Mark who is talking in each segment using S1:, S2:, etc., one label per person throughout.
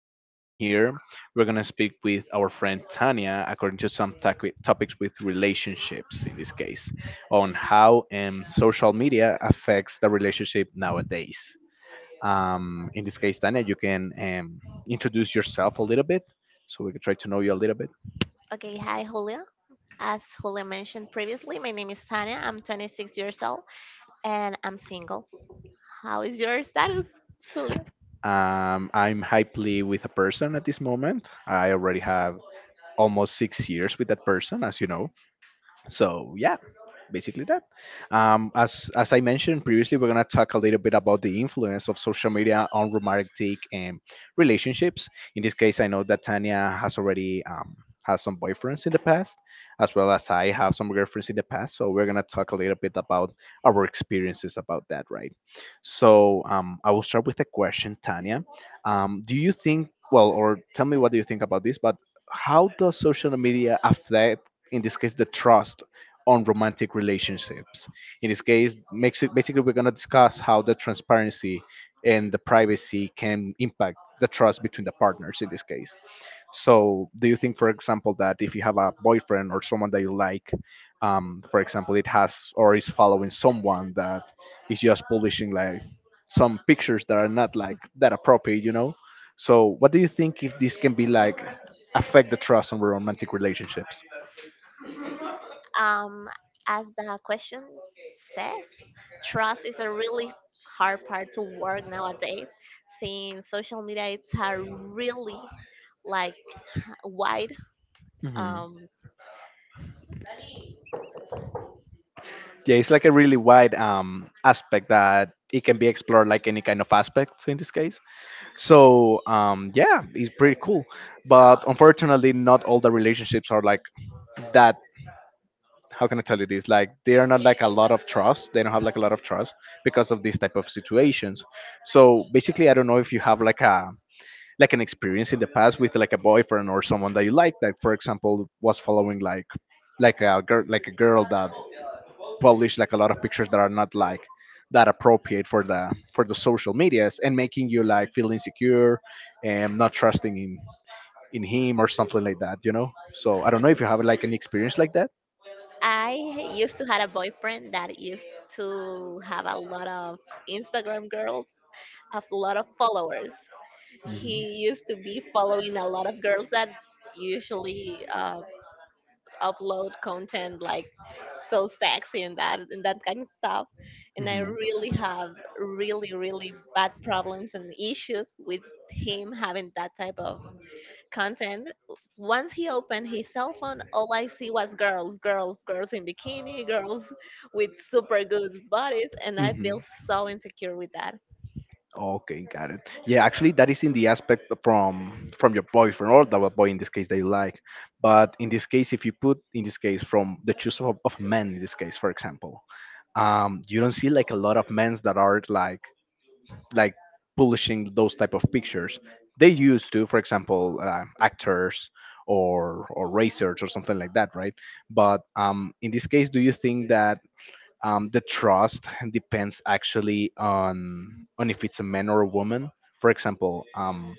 S1: channel in here. We're gonna speak with our friend Tania, according to some topics with relationships in this case, on how social media affects the relationship nowadays. In this case, Tania, you can introduce yourself a little bit so we can try to know you a little bit.
S2: Okay, hi Julia. As Julia mentioned previously, my name is Tania. I'm 26 years old and I'm single. How is your status, Julia?
S1: I'm hypely with a person at this moment. I already have almost 6 years with that person, as you know. So, yeah, basically that. As I mentioned previously, we're gonna talk a little bit about the influence of social media on romantic relationships. In this case, I know that Tanya has already has some boyfriends in the past, as well as I have some girlfriends in the past. So we're gonna talk a little bit about our experiences about that, right? So I will start with a question, Tanya. Do you think? Well, or tell me, what do you think about this? But how does social media affect, in this case, the trust on romantic relationships? In this case, basically, we're going to discuss how the transparency and the privacy can impact the trust between the partners in this case. So, do you think, for example, that if you have a boyfriend or someone that you like, for example, it has or is following someone that is just publishing like some pictures that are not like that appropriate, you know? So, what do you think, if this can be like affect the trust on romantic relationships?
S2: Um, as the question says, trust is a really hard part to work nowadays since social media it's a really like wide
S1: Hmm.
S2: um
S1: Yeah, it's like a really wide aspect that it can be explored like any kind of aspects in this case. So yeah, it's pretty cool. But
S2: so
S1: unfortunately, not all the relationships are like that. How can I tell you this? Like, they are not like a lot of trust. They don't have like a lot of trust because of these type of situations. So basically, I don't know if you have like a like an experience in the past with like a boyfriend or someone that you like that, for example, was following like a girl like a girl that publish like a lot of pictures that are not like that appropriate for the social medias, and making you like feel insecure and not trusting in him or something like that, you know? So I don't know if you have like an experience like that.
S2: I used to had a boyfriend that used to have a lot of Instagram girls, a lot of followers. He used to be following a lot of girls that usually upload content like so sexy and that kind of stuff.
S1: Mhm.
S2: And I
S1: Mhm.
S2: really have really really bad problems and issues with him having that type of content. Once he opened his cell phone, all I see was girls, girls, girls in bikini, girls with super good bodies, and I
S1: Hmm.
S2: feel so insecure with that.
S1: Okay, got it. Yeah, actually, that is in the aspect from your boyfriend or the boy in this case they like. But in this case, if you put in this case from the choice of men in this case, for example, you don't see like a lot of men that are like publishing those type of pictures. They used to, for example, actors or racers or something like that, right? But in this case, do you think that the trust depends actually on if it's a man or a woman? For example, um,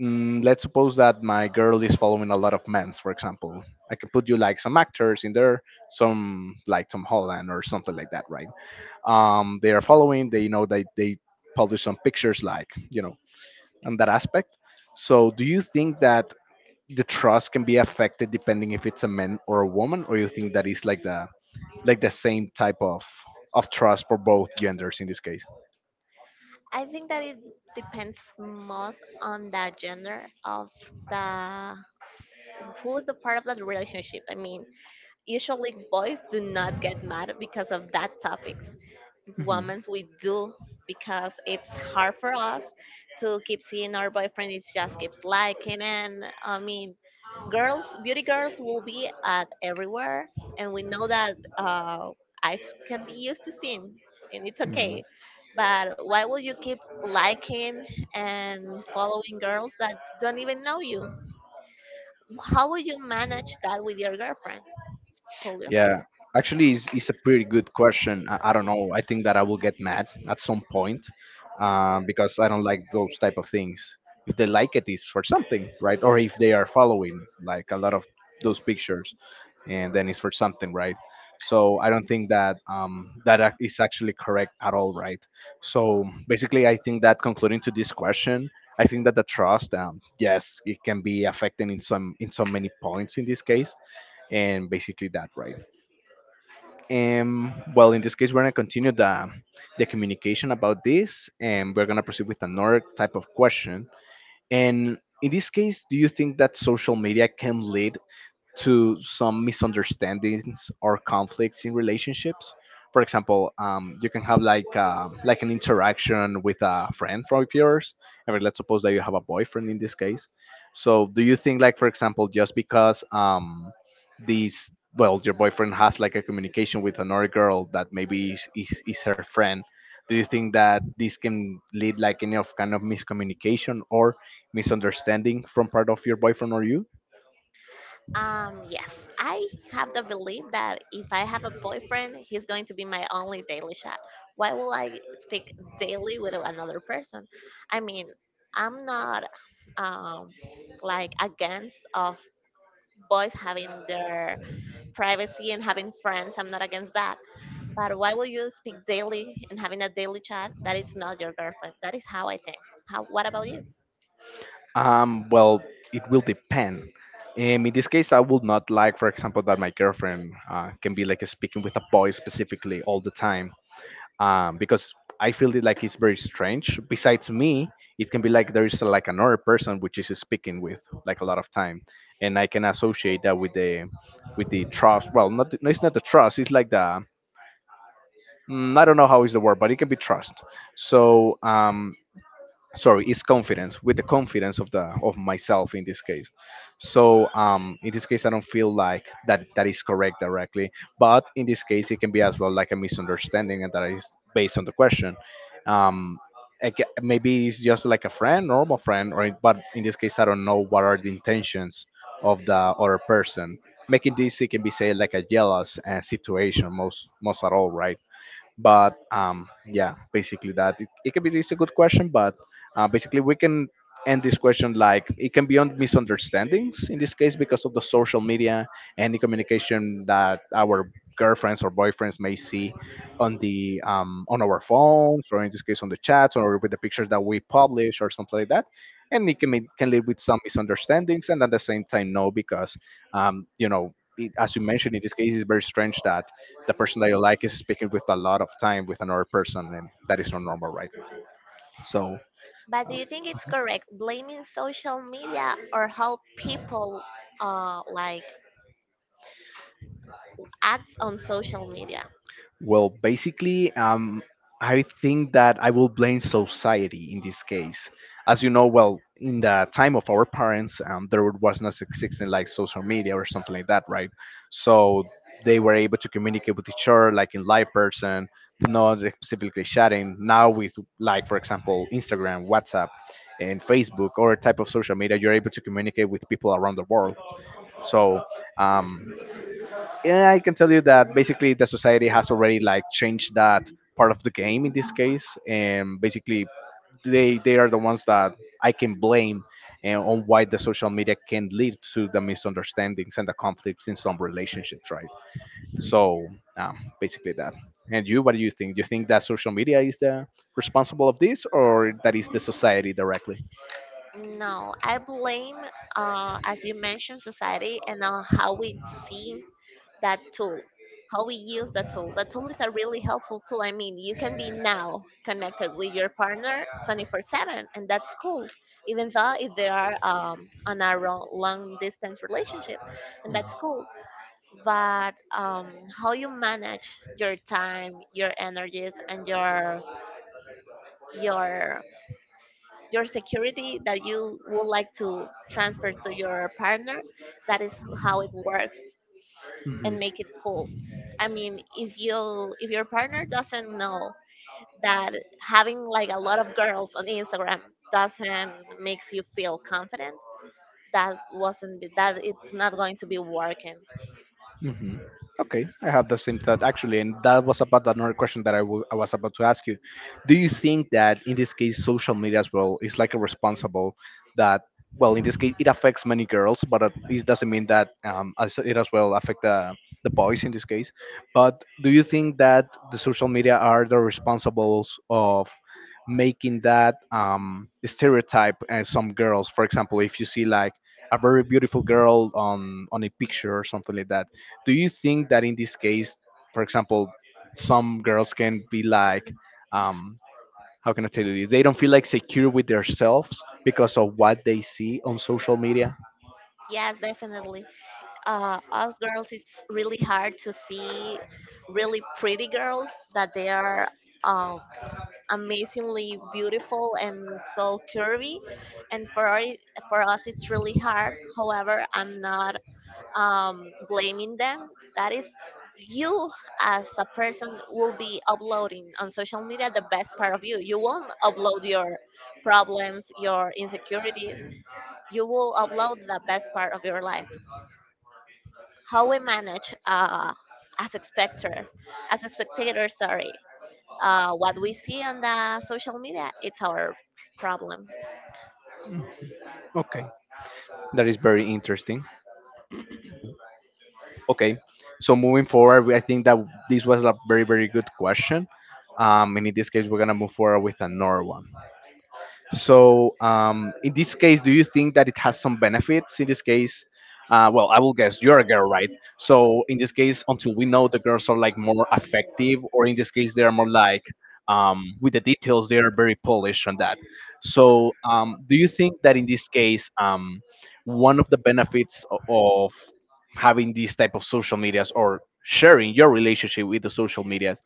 S1: mm, let's suppose that my girl is following a lot of men's. For example, I can put you like some actors in there, some like Tom Holland or something like that, right? They are following. They know that they publish some pictures, like, on that aspect. So, do you think that the trust can be affected depending if it's a man or a woman, or you think that is like the same type of trust for both genders in this case?
S2: I think that it depends most on the gender of the who is the part of that relationship. I mean, usually boys do not get mad because of that topic,
S1: Mhm.
S2: women we do, because it's hard for us to keep seeing our boyfriend it just keeps liking, and I mean girls, beauty girls will be at everywhere, and we know that uh, eyes can be used to seeing, and it's okay, but why will you keep liking and following girls that don't even know you? How will you manage that with your girlfriend, Julio?
S1: Yeah, actually, it's a pretty good question. I don't know. I think that I will get mad at some point, because I don't like those type of things. If they like it, it's for something, right? Or if they are following like a lot of those pictures, and then it's for something, right? So I don't think that is actually correct at all, right? So basically, I think that, concluding to this question, I think that the trust, yes, it can be affected in so many points in this case, and basically that, right? Well, in this case, we're gonna continue the communication about this, and we're gonna proceed with another type of question. And in this case, do you think that social media can lead to some misunderstandings or conflicts in relationships? For example, you can have like an interaction with a friend from yours. I mean, let's suppose that you have a boyfriend in this case. So, do you think, like, for example, just because these well, your boyfriend has like a communication with another girl that maybe is her friend. Do you think that this can lead like any of kind of miscommunication or misunderstanding from part of your boyfriend or you?
S2: Yes, I have the belief that if I have a boyfriend, he's going to be my only daily chat. Why will I speak daily with another person? I mean, I'm not um, like against of boys having their privacy and having friends. I'm not against that. But why will you speak daily and having a daily chat that is not your girlfriend? That is how I think. How? What about you?
S1: Well, it will depend. In this case, I would not like, for example, that my girlfriend can be like speaking with a boy specifically all the time, because I feel it like it's very strange. Besides me, it can be like there is like another person which is speaking with like a lot of time, and I can associate that with the trust. Well, not no, it's not the trust. It's like the I don't know how is the word, but it can be trust. So sorry, it's confidence, with the confidence of myself in this case. So in this case, I don't feel like that that is correct directly, but in this case, it can be as well like a misunderstanding, and that is based on the question. um Maybe it's just like a friend normal friend, or, but in this case, I don't know what are the intentions of the other person making this. It can be say like a jealous situation, most at all, right? But yeah, basically that, it can be it's a good question, but basically we can end this question. Like, it can be on misunderstandings in this case because of the social media and the communication that our girlfriends or boyfriends may see on our phones, or in this case on the chats, or with the pictures that we publish or something like that. And it can, can lead with some misunderstandings, and at the same time no, because you know it, as you mentioned, in this case it's very strange that the person that you like is speaking with a lot of time with another person, and that is not normal, right? So.
S2: But do you think it's correct blaming social media or how people like acts on social media.
S1: Well, basically, I think that I will blame society in this case. As you know, well, in the time of our parents, there was not existing like social media or something like that, right? So they were able to communicate with each other like in live person, not specifically chatting. Now with, like, for example, Instagram, WhatsApp, and Facebook, or type of social media, you're able to communicate with people around the world. So um, and I can tell you that basically the society has already like changed that part of the game in this case, and basically they are the ones that I can blame, and on why the social media can lead to the misunderstandings and the conflicts in some relationships, right? So basically that. And you, what do you think? Do you think that social media is the responsible of this, or that is the society directly?
S2: No, I blame, as you mentioned, society and on how we see that tool, how we use that tool. That tool is a really helpful tool. I mean, you can be now connected with your partner 24/7, and that's cool even though if they are on a long distance relationship, and that's cool. But how you manage your time, your energies, and your your security that you would like to transfer to your partner, that is how it works
S1: Hmm.
S2: and make it cool. I mean, if you if your partner doesn't know that having like a lot of girls on Instagram doesn't makes you feel confident, that wasn't, that it's not going to be working.
S1: Hmm. Okay, I have the same thought actually, and that was about another question that I was about to ask you. Do you think that in this case, social media as well is like a responsible, that, well, in this case, it affects many girls, but it doesn't mean that it as well affect the boys in this case. But do you think that the social media are the responsibles of making that stereotype some girls? For example, if you see like a very beautiful girl on a picture or something like that, do you think that in this case, for example, some girls can be like, um, how can I tell you this? They don't feel like secure with themselves because of what they see on social media.
S2: Yes, definitely. Us girls, it's really hard to see really pretty girls that they are um, amazingly beautiful and so curvy, and for for us it's really hard. However, I'm not blaming them. That is, you as a person will be uploading on social media the best part of you. You won't upload your problems, your insecurities. You will upload the best part of your life. How we manage as spectators, as spectators, sorry, what we see on the social media, it's our problem.
S1: Okay, that is very interesting. Okay, so moving forward, I think that this was a very very good question. And in this case, we're gonna move forward with another one. So in this case, do you think that it has some benefits? In this case, well, I will guess you're a girl, right? So in this case, until we know the girls are like more effective, or in this case, they are more like with the details, they are very polished on that. So do you think that in this case, one of the benefits of having these type of social medias or sharing your relationship with the social medias,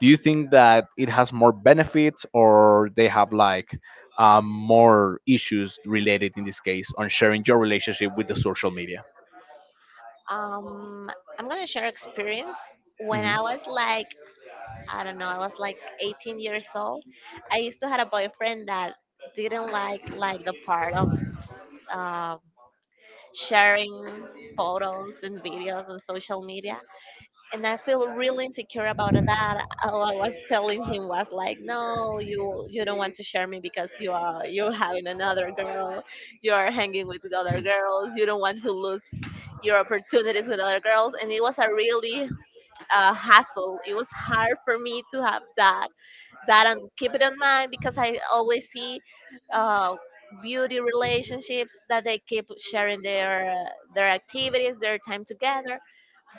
S1: do you think that it has more benefits or they have like more issues related in this case on sharing your relationship with the social media?
S2: Um, I'm gonna share experience when
S1: Mhm.
S2: I was like I don't know, I was like 18 years old. I used to had a boyfriend that didn't like the part of uh, sharing photos and videos on social media, and I feel really insecure about that. All I was telling him was like, no, you don't want to share me because you are you're having another girl, you are hanging with the other girls, you don't want to lose your opportunities with other girls. And it was a really hassle. It was hard for me to have that and keep it in mind because I always see uh, beauty relationships that they keep sharing their activities, their time together.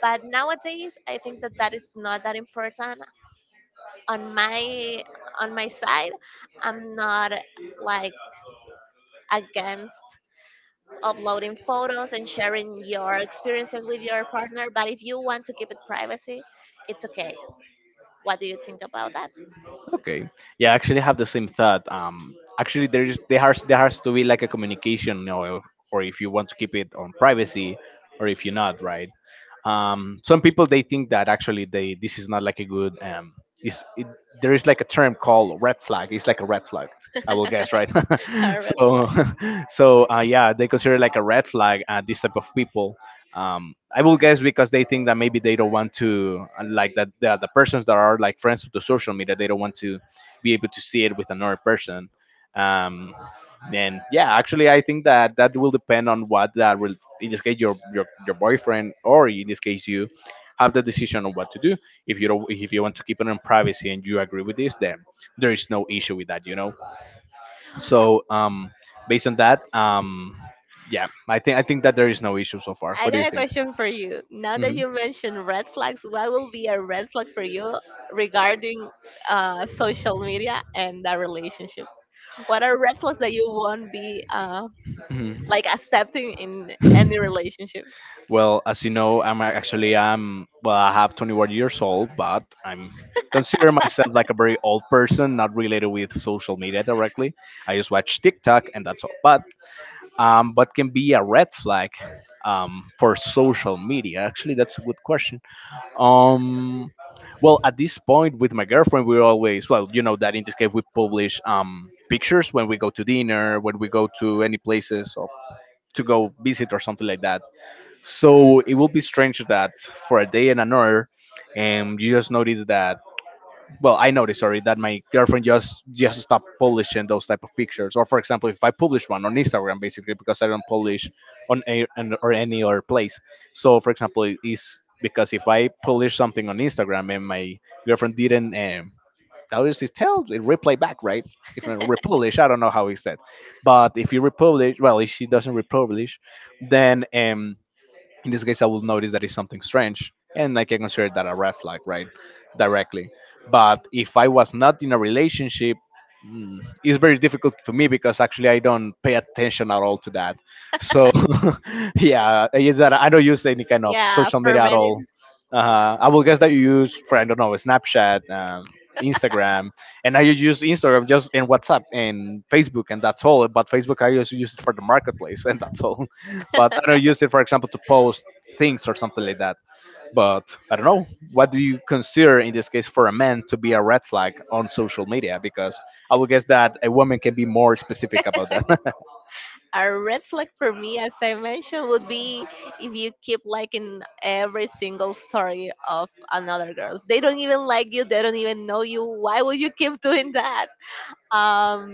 S2: But nowadays, I think that that is not that important. On my side, I'm not like against uploading photos and sharing your experiences with your partner. But if you want to keep it privacy, it's okay. What do you think about that?
S1: Okay. Yeah, I actually have the same thought. Actually, there has to be like a communication, or if you want to keep it on privacy, or if you're not, right? Some people they think that actually they this is not like a good This it, there is like a term called red flag. It's like a red flag. I will guess, right?
S2: A red flag.
S1: So, so yeah, they consider like a red flag, this type of people. I will guess because they think that maybe they don't want to like that the persons that are like friends with the social media they don't want to be able to see it with another person. Um, then yeah, actually I think that that will depend on what that will, in this case your your boyfriend or in this case you have the decision on what to do. If you don't, if you want to keep it in privacy and you agree with this, then there is no issue with that. So based on that, yeah, I think that there is no issue so far.
S2: I
S1: What do
S2: got
S1: you
S2: a
S1: think?
S2: question for you. Now that
S1: Hmm.
S2: you mentioned red flags, what will be a red flag for you regarding social media and that relationship? What are red flags that you won't be
S1: Hmm.
S2: like accepting in any relationship?
S1: Well, as you know, actually I'm, well, I have 21 years old, but I'm consider myself like a very old person, not related with social media directly. I just watch TikTok and that's all. But what can be a red flag for social media? Actually, that's a good question. Um, well, at this point with my girlfriend, we're always, well, you know that in this case we publish pictures when we go to dinner, when we go to any places of to go visit or something like that. So it will be strange that for a day and an hour, and you just notice that, well, I noticed, sorry, that my girlfriend just stopped publishing those type of pictures, or for example if I publish one on Instagram, basically because I don't publish on a on, or any other place. So for example, it is because if I publish something on Instagram and my girlfriend didn't obviously tell it, replay back, right? If I republish, I don't know how he said, but if you republish, well, if she doesn't republish, then in this case I will notice that it's something strange and I can consider that a red flag, right? Directly. But if I was not in a relationship, mm, it's very difficult for me because actually I don't pay attention at all to that. So yeah, is that I don't use any kind of
S2: Yeah,
S1: social
S2: for
S1: media at
S2: men,
S1: all.
S2: it's
S1: I will guess that you use, for I don't know, Snapchat, Instagram. And I use Instagram just in WhatsApp and Facebook, and that's all, but Facebook I just use it for the marketplace. And that's all, but I don't use it, for example, to post things or something like that. But I don't know. What do you consider in this case for a man to be a red flag on social media? Because I would guess that a woman can be more specific about that.
S2: a red flag. For me, as I mentioned, would be if you keep liking every single story of another girls. They don't even like you. They don't even know you. Why would you keep doing that? um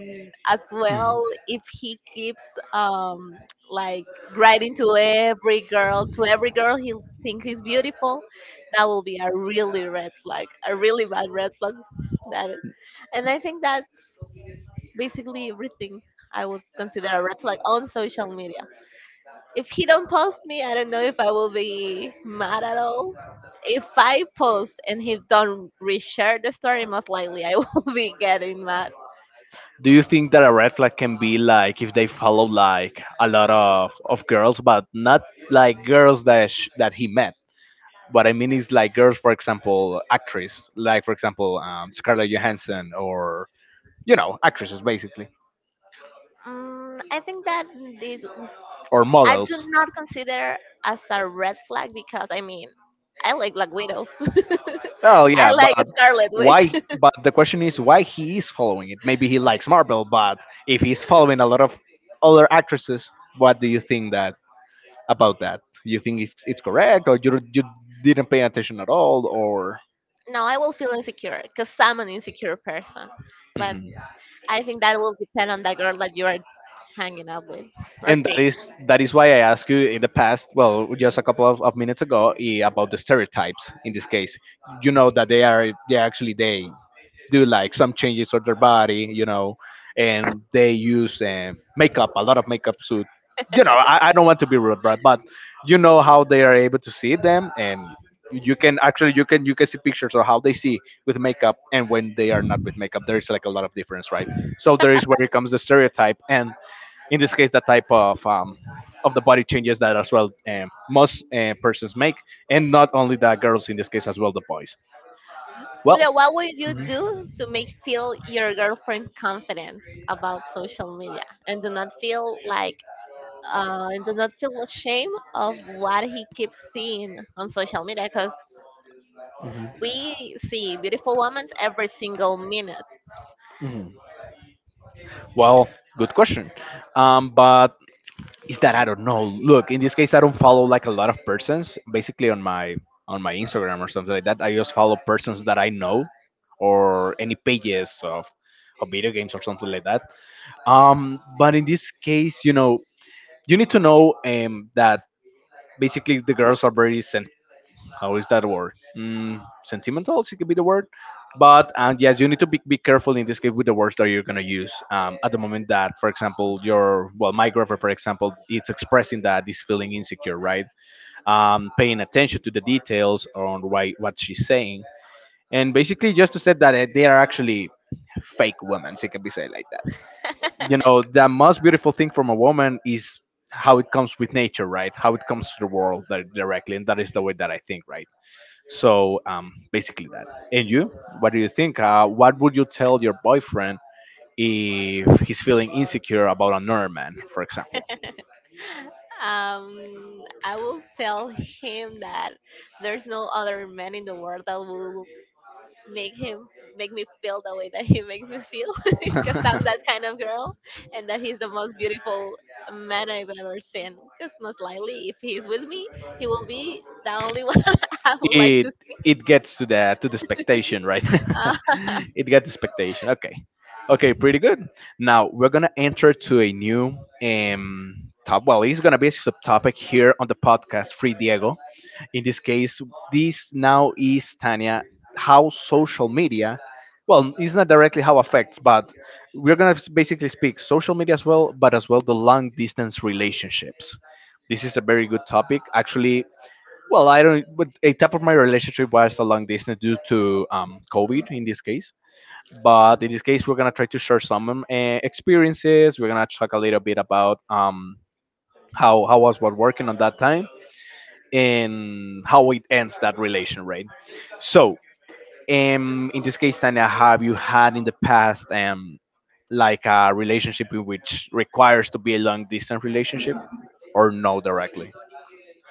S2: as
S1: Mm.
S2: well if he keeps um like writing to every girl he'll think he's beautiful, that will be a really red flag, a really bad red flag. That, and I think that's basically everything I would consider a red flag on social media. If he don't post me, I don't know if I will be mad at all. If I post and he don't reshare the story, most likely I will be getting mad.
S1: Do you think that a red flag can be like if they follow like a lot of girls, but not like girls that that he met? What I mean is like girls, for example, actress, like for example Scarlett Johansson, or you know, actresses basically,
S2: Mm, I think that this
S1: or
S2: I do
S1: models.
S2: not consider as a red flag because I mean I like Black Widow.
S1: Oh
S2: I
S1: yeah,
S2: like
S1: but
S2: Scarlet Witch.
S1: why? But the question is why he is following it. Maybe he likes Marvel, but if he's following a lot of other actresses, what do you think that about that? You think it's correct, or you didn't pay attention at all, or?
S2: No, I will feel insecure because I'm an insecure person. But
S1: Mhm.
S2: I think that will depend on the girl that you are hanging out with or
S1: And
S2: dating.
S1: that is why I asked you in the past, well, just a couple of minutes ago, eh, about the stereotypes in this case. You know that they are they actually they do like some changes of their body, you know, and they use makeup, a lot of makeup suit. You know, I don't want to be rude, right? But you know how they are able to see them, and you can actually you can see pictures of how they see with makeup and when they are not with makeup. There is like a lot of difference, right? So there is where it comes the stereotype, and in this case, the type of the body changes that as well most persons make, and not only the girls in this case as well the boys. Well,
S2: Julia, what would you
S1: mhm.
S2: do to make feel your girlfriend confident about social media and do not feel like does not feel ashamed of what he keeps seeing on social media because
S1: Mhm.
S2: we see beautiful women every single minute.
S1: Mhm. Well, good question. But is that I don't know. Look, in this case, I don't follow like a lot of persons. Basically, on my Instagram or something like that, I just follow persons that I know or any pages of video games or something like that. But in this case, you know, you need to know that basically the girls are very sen-, how is that a word? Mm, sentimental, it could be the word. But and yes, you need to be careful in this case with the words that you're gonna use. At the moment that, for example, your, well, my grapher, for example, it's expressing that this feeling insecure, right? Paying attention to the details on why what she's saying, and basically just to say that they are actually fake women. It can be said like that. You know, the most beautiful thing from a woman is how it comes with nature, right? How it comes to the world directly, and that is the way that I think, right? So basically that. And you, what do you think? What would you tell your boyfriend if he's feeling insecure about another man, for example?
S2: I will tell him that there's no other man in the world that will make him make me feel the way that he makes me feel because I'm that kind of girl, and that he's the most beautiful man I've ever seen because most likely if he's with me he will be the only one I would like
S1: it it gets to the expectation, right?
S2: to.
S1: It gets expectation. Okay. Okay, pretty good. Now we're gonna enter to a new top, well, it's gonna be a subtopic here on the podcast free Diego. In this case, this now is Tanya. How social media, well, it's not directly how affects, but we're gonna basically speak social media as well, but as well the long distance relationships. This is a very good topic actually. Well, I don't. But a type of my relationship was a long distance due to COVID in this case. But in this case, we're gonna try to share some experiences. We're gonna talk a little bit about how was what working on that time and how it ends that relation, right? So, in this case, Tanya, have you had in the past like a relationship in which requires to be a long distance relationship, or no directly?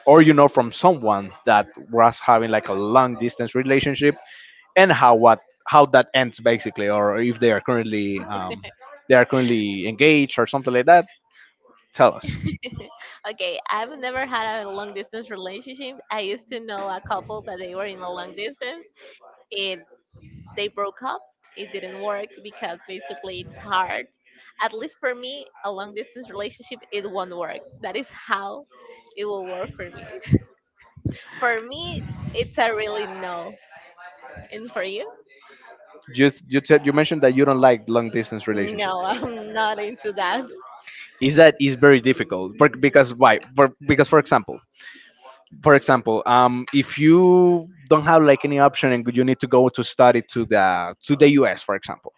S1: Or you know from someone that was having like a long distance relationship and how what how that ends basically, or if they are currently they are currently engaged or something like that, tell us.
S2: Okay, I've never had a long distance relationship. I used to know a couple that they were in a long distance. It They broke up. It didn't work because basically it's hard. At least for me, a long distance relationship it won't work. That is how it will work for me. For me, it's a really no. And for you?
S1: You said you mentioned that you don't like long distance
S2: No,
S1: relationships.
S2: I'm not into that.
S1: Is that is very difficult. For, because why for, because for example, for example if you don't have like any option and you need to go to study to the US, for example,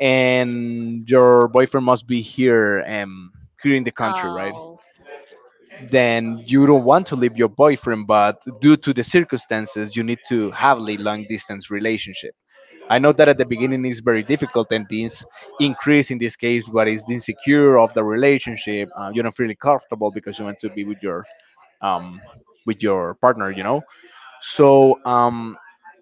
S1: and your boyfriend must be here here in the country, right?
S2: Oh.
S1: Then you don't want to leave your boyfriend but due to the circumstances you need to have a long distance relationship. I know that at the beginning is very difficult, and this increase in this case what is the insecure of the relationship. You don't feel comfortable because you want to be um, with your partner, you know. So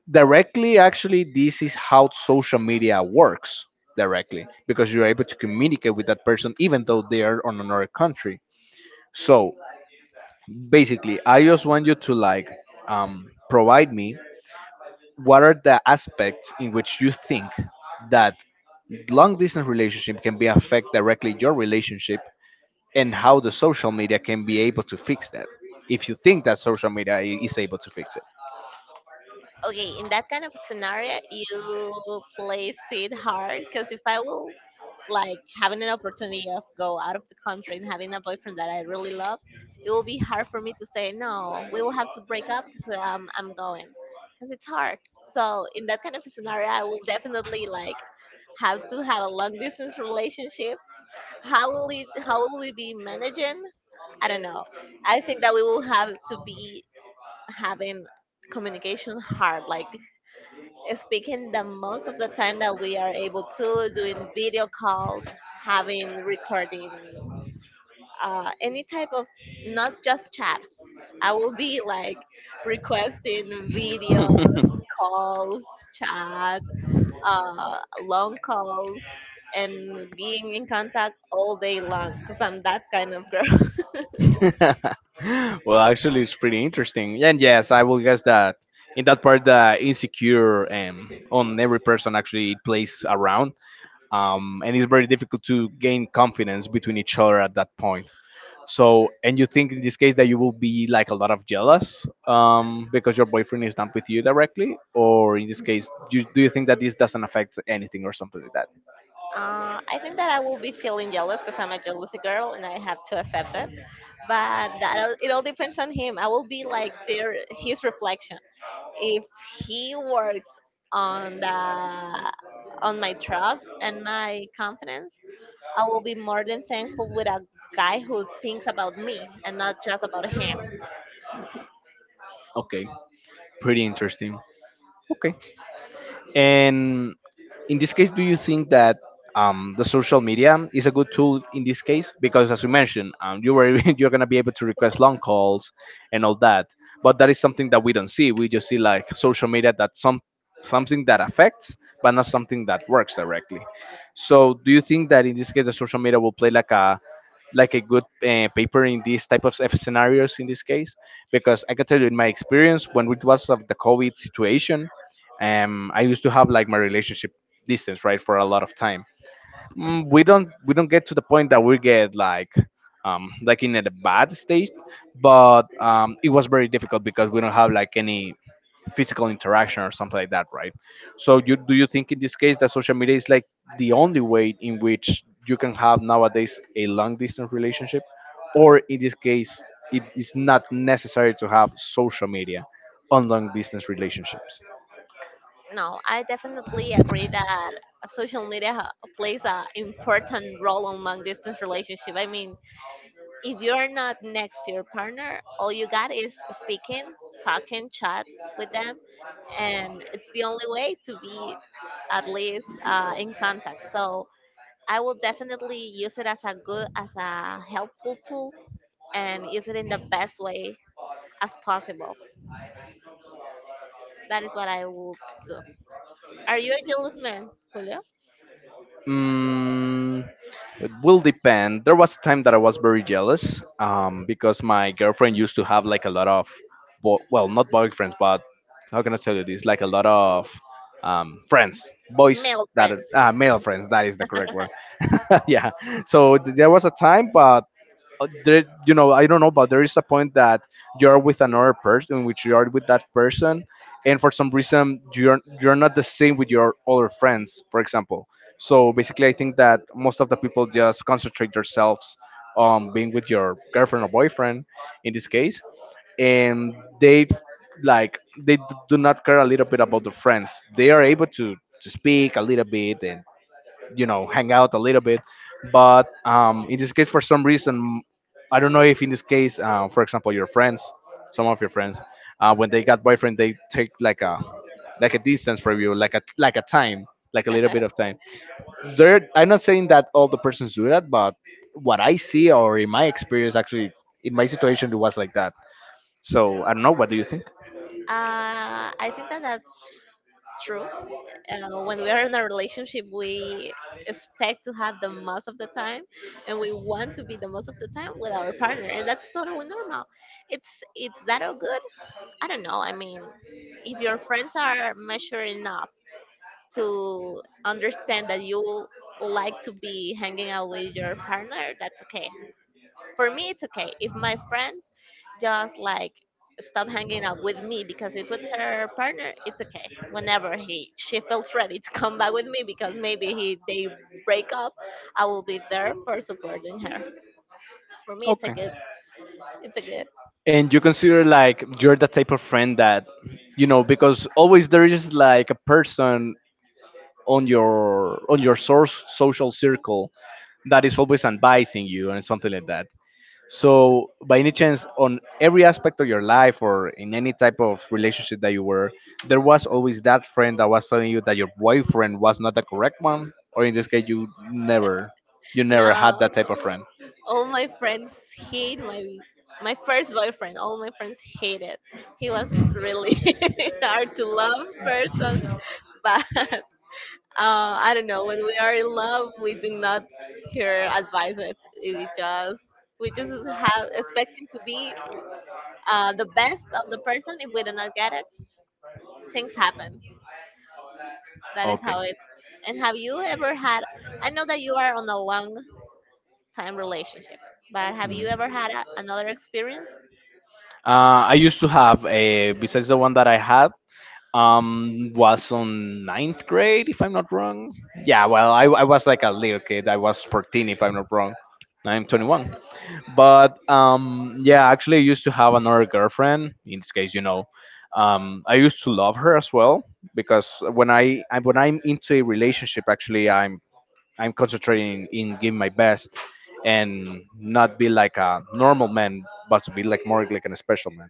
S1: directly, actually, this is how social media works directly, because you're able to communicate with that person even though they are on another country. So basically, I just want you to like provide me what are the aspects in which you think that long distance relationship can be affect directly your relationship, and how the social media can be able to fix that, if you think that social media is able to fix.
S2: Okay, in that kind of scenario, you place it hard because if I will like having an opportunity of go out of the country and having a boyfriend that I really love, it will be hard for me to say no. We will have to break up because I'm going because it's hard. So in that kind of scenario, I will definitely like have to have a long distance relationship. How will it? How will we be managing? I don't know. I think that we will have to be having communication hard like speaking the most of the time that we are able to, doing video calls, having recording any type of, not just chat. I will be like requesting videos, calls, chat, uh, long calls, and being in contact all day long because I'm that kind of girl.
S1: Well, actually, it's pretty interesting. And yes, I will guess that in that part, the insecure on every person actually it plays around, and it's very difficult to gain confidence between each other at that point. So, and you think in this case that you will be like a lot of jealous because your boyfriend is not with you directly, or in this case, do you think that this doesn't affect anything or something like that?
S2: Uh, I think that I will be feeling jealous because I'm a jealousy girl and I have to accept it. But that it all depends on him. I will be like their his reflection. If he works on the on my trust and my confidence, I will be more than thankful with a guy who thinks about me and not just about him.
S1: Okay, pretty interesting. Okay, and in this case, do you think that the social media is a good tool in this case? Because as you mentioned, you were you're gonna be able to request long calls and all that, but that is something that we don't see. We just see like social media that something that affects, but not something that works directly. So, do you think that in this case, the social media will play like a good paper in these type of scenarios in this case? Because I can tell you in my experience when it was of the COVID situation, I used to have like my relationship distance, right, for a lot of time. We don't get to the point that we get like, like in a bad state, but it was very difficult because we don't have like any physical interaction or something like that, right? So you do you think in this case that social media is like the only way in which you can have nowadays a long distance relationship, or in this case it is not necessary to have social media on long distance relationships?
S2: No, I definitely agree that social media ha- plays an important role in long distance relationship. I mean, if you're not next to your partner, all you got is speaking, talking, chat with them, and it's the only way to be at least in contact. So I will definitely use it as a good, as a helpful tool, and use it in the best way as possible. That is what I will do. Are you a jealous man, Julio?
S1: Mm, it will depend. There was a time that I was very jealous because my girlfriend used to have like a lot of, well, not boyfriends, but how can I tell you this? Like a lot of friends, boys
S2: Male
S1: that are,
S2: friends.
S1: male friends. That is the correct word. Yeah. So there was a time, but there, I don't know, but there is a point that you're with another person, in which you are with that person, and for some reason you're not the same with your other friends, for example. So basically, I think that most of the people just concentrate themselves on being with your girlfriend or boyfriend, in this case, and they like they d- do not care a little bit about the friends. They are able to speak a little bit and hang out a little bit, but in this case for some reason I don't know if in this case, for example, your friends some of your friends, when they got boyfriend, they take like a distance from you, like a time, like a little bit of time. There, I'm not saying that all the persons do that, but what I see, or in my experience, actually in my situation it was like that. So I don't know, what do you think?
S2: I think that that's true. When we are in a relationship, we expect to have the most of the time, and we want to be the most of the time with our partner, and that's totally normal. It's that all good. I don't know. I mean, if your friends are mature enough to understand that you like to be hanging out with your partner, that's okay. For me, it's okay if my friends just like stop hanging out with me because it was her partner. It's okay whenever he she feels ready to come back with me because maybe he they break up. I will be there for supporting her. For me, it's a
S1: Okay,
S2: good. It's a good.
S1: and you consider like you're the type of friend that, because always there is like a person on your source social circle that is always advising you and something like that. So, by any chance, on every aspect of your life or in any type of relationship that you were, there was always that friend that was telling you that your boyfriend was not the correct one, or in this case, you never had
S2: No,
S1: that type of friend.
S2: all my friends hate my first boyfriend. All my friends hated. He was really hard to love person, but I don't know. When we are in love, we do not hear advices. We just we just have expecting to be the best of the person. If we do not get it, things happen. That is
S1: Okay.
S2: how it. And have you ever had? I know that you are on a long time relationship, but have
S1: Mhm.
S2: you ever had another experience?
S1: I used to have a besides the one that I had, was on ninth grade if I'm not wrong. Yeah, well, I was like a little kid. I was 14 if I'm not wrong. Now I'm 21. But yeah, actually I used to have another girlfriend. In this case, I used to love her as well, because when I'm into a relationship, actually I'm concentrating in giving my best and not be like a normal man, but to be like more like an special man.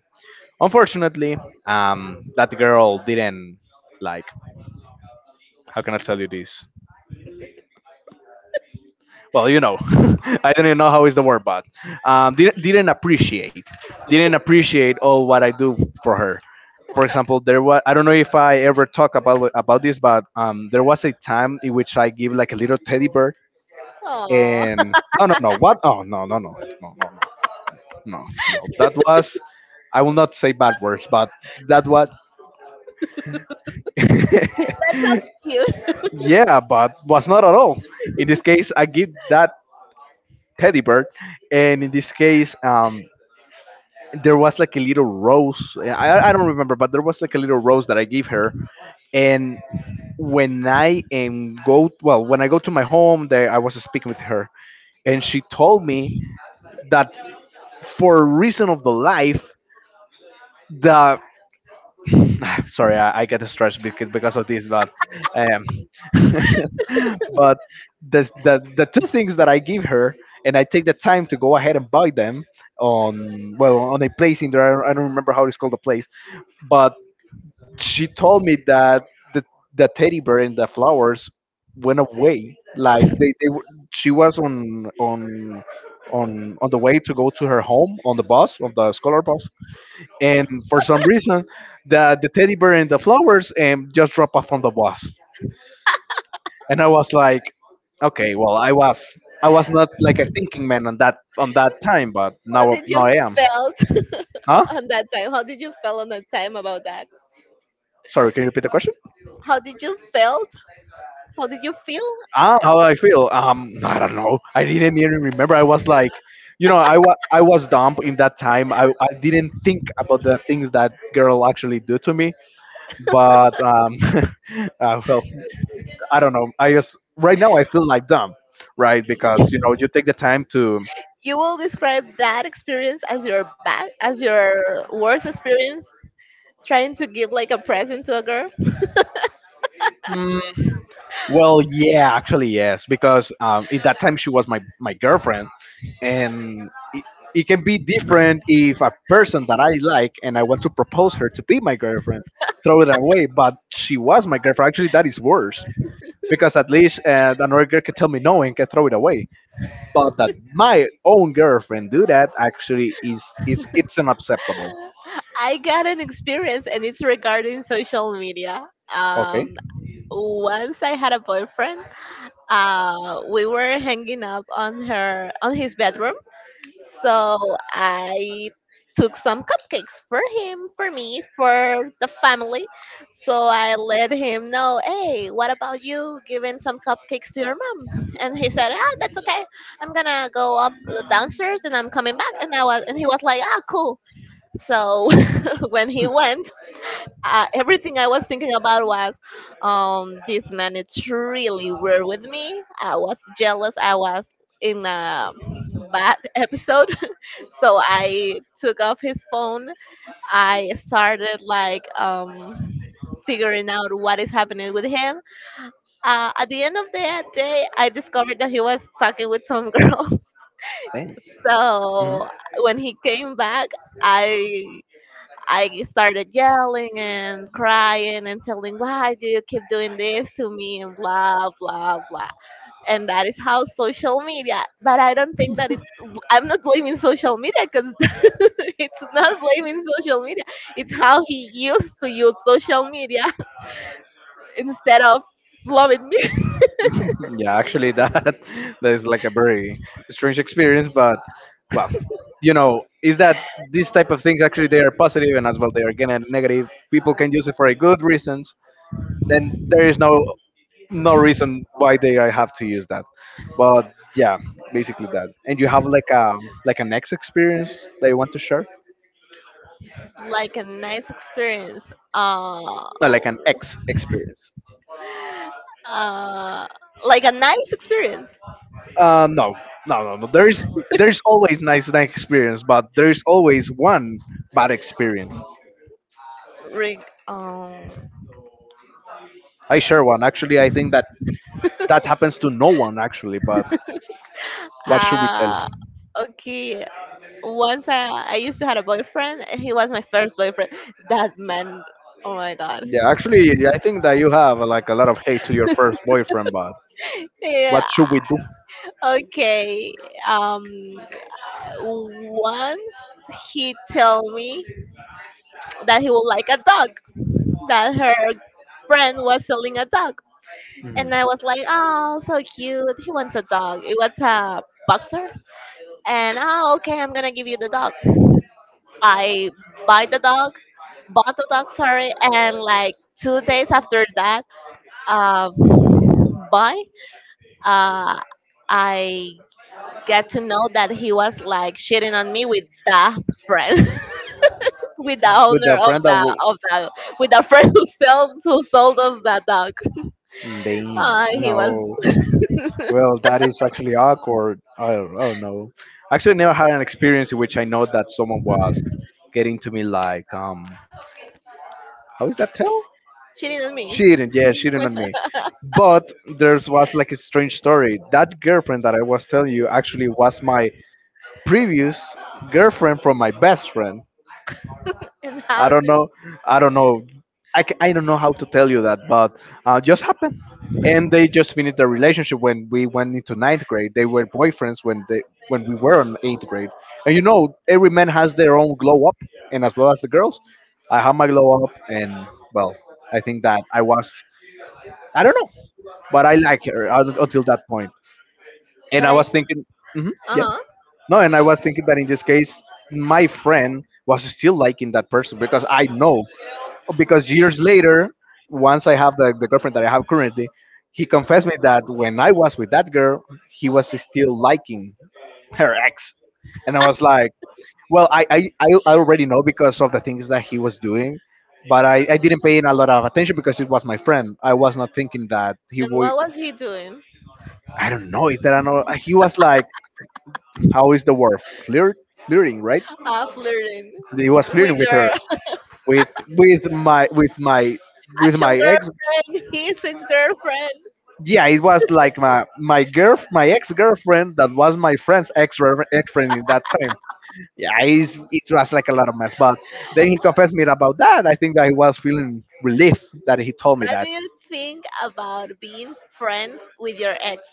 S1: Unfortunately, that girl didn't like. How can I tell you this? Well, I don't even know how is the word, but didn't appreciate, didn't appreciate, all what I do for her. For example, there was I don't know if I ever talk about this, but there was a time in which I give like a little teddy bear,
S2: Oh,
S1: and no, no, no, what? Oh, no, no, no, no, no, no, no, no, that was— I will not say bad words, but that was
S2: that's so cute.
S1: Yeah, but was not at all. In this case, I give that teddy bear, and in this case, there was like a little rose. I don't remember, but there was like a little rose that I gave her. And when I go to my home, there I was speaking with her, and she told me that for reason of the life, the sorry, I get stressed because of this, but um, but the two things that I give her, and I take the time to go ahead and buy them on well on a place in there. I don't remember how it's called the place, but she told me that the the teddy bear and the flowers went away. Like she was on the way to go to her home on the bus, on the scholar bus, and for some reason the teddy bear and the flowers just drop off on the bus. And I was like, okay, well, I was not like a thinking man on that time, but
S2: How
S1: now
S2: did
S1: now
S2: you
S1: I am.
S2: felt
S1: Huh?
S2: on that time? How did you feel on that time about that?
S1: Sorry, can you repeat the question?
S2: How did you felt? How did you feel?
S1: Ah, how I feel? No, I don't know, I didn't even remember, I was like, I was dumb in that time, I didn't think about the things that girl actually do to me. But well, I don't know. I guess right now I feel like dumb, right? Because you take the time to.
S2: You will describe that experience as your bad, as your worst experience trying to give like a present to a girl.
S1: Mm, well, yeah, actually yes, because at that time she was my girlfriend, and it can be different if a person that I like and I want to propose her to be my girlfriend, throw it away. But she was my girlfriend. Actually, that is worse because at least another girl can tell me no and can throw it away. But that my own girlfriend do that actually is it's unacceptable.
S2: I got an experience, and it's regarding social media.
S1: Okay?
S2: Um, Once I had a boyfriend. We were hanging up on her on his bedroom. So I took some cupcakes for him, for me, for the family. So I let him know, hey, what about you giving some cupcakes to your mom? And he said, ah, that's okay. I'm gonna go up downstairs and I'm coming back. And he was like, ah, cool. So when he went, everything I was thinking about was, this man is really weird with me. I was jealous. I was in a bad episode, so I took off his phone. I started like figuring out what is happening with him. At the end of the day, I discovered that he was talking with some girls.
S1: Thanks. Mhm.
S2: So when he came back, I I started yelling and crying and telling, why do you keep doing this to me and blah blah blah? And that is how social media, but I don't think that it's I'm not blaming social media because it's not blaming social media, it's how he used to use social media instead of loving me.
S1: Yeah, actually, that that is like a very strange experience, but well, is that these type of things actually they are positive and as well they are again negative. People can use it for a good reasons. Then there is no, no reason why they I have to use that. But yeah, basically that. And you have like an ex experience that you want to share?
S2: Like a nice experience. uh
S1: No, like an ex experience.
S2: uh like a nice experience.
S1: No, no, no, no. There's always nice experience, but there is always one bad experience.
S2: Ring.
S1: I share one actually. I think that that happens to no one actually. But what should we tell?
S2: Uh, okay. Once I used to have a boyfriend, and he was my first boyfriend. That man, oh my god.
S1: Yeah, actually, I think that you have like a lot of hate to your first boyfriend. But what
S2: Yeah,
S1: should we do
S2: okay. Um, Once he told me that he would like a dog, that her friend was selling a dog. And I was like, oh, so cute. He wants a dog. It was a boxer. And, oh, okay, I'm going to give you the dog. I buy the dog, Bought the dog, sorry, and like 2 days after that, um, buy, uh, I get to know that he was like shitting on me with the friend, with the
S1: with
S2: owner
S1: a friend that w-
S2: of the with the friend who sold us the dog.
S1: Damn.
S2: He was
S1: No. Well, that is actually awkward. I don't know. Actually, I never had an experience in which I know that someone was getting to me like, how is that tell?
S2: cheating on me.
S1: Cheating. Yeah, cheating on me. But there's was like a strange story. That girlfriend that I was telling you actually was my previous girlfriend from my best friend.
S2: And
S1: I
S2: how
S1: don't
S2: did?
S1: know. I don't know. I don't know how to tell you that, but just happened. And they just finished their relationship when we went into ninth grade. They were boyfriends when we were on eighth grade. And, every man has their own glow up, and as well as the girls. I had my glow up, and well, I think that I don't know, but I like her until that point. And
S2: But
S1: I
S2: I,
S1: was thinking, hmm
S2: uh
S1: yeah,
S2: huh.
S1: no, and I was thinking that in this case, my friend was still liking that person because I know, because years later, once I have the girlfriend that I have currently, he confessed me that when I was with that girl, he was still liking her ex. And I was like, well, I already know because of the things that he was doing, but I didn't pay in a lot of attention because it was my friend. I was not thinking that he
S2: And
S1: would—
S2: what was he doing?
S1: I don't know, is that I know, he was like, how is the word? Flirt? Flirting, right?
S2: Flirting
S1: He was
S2: with
S1: flirting with
S2: your
S1: her, with— with my with my with
S2: actual
S1: my ex.
S2: girlfriend, his ex girlfriend.
S1: Yeah, it was like my girl, my ex girlfriend that was my friend's ex— ex friend in that time. Yeah, it was like a lot of mess. But then he confessed me about that. I think that he was feeling relief that he told me
S2: What do
S1: that.
S2: you think about being friends with your ex?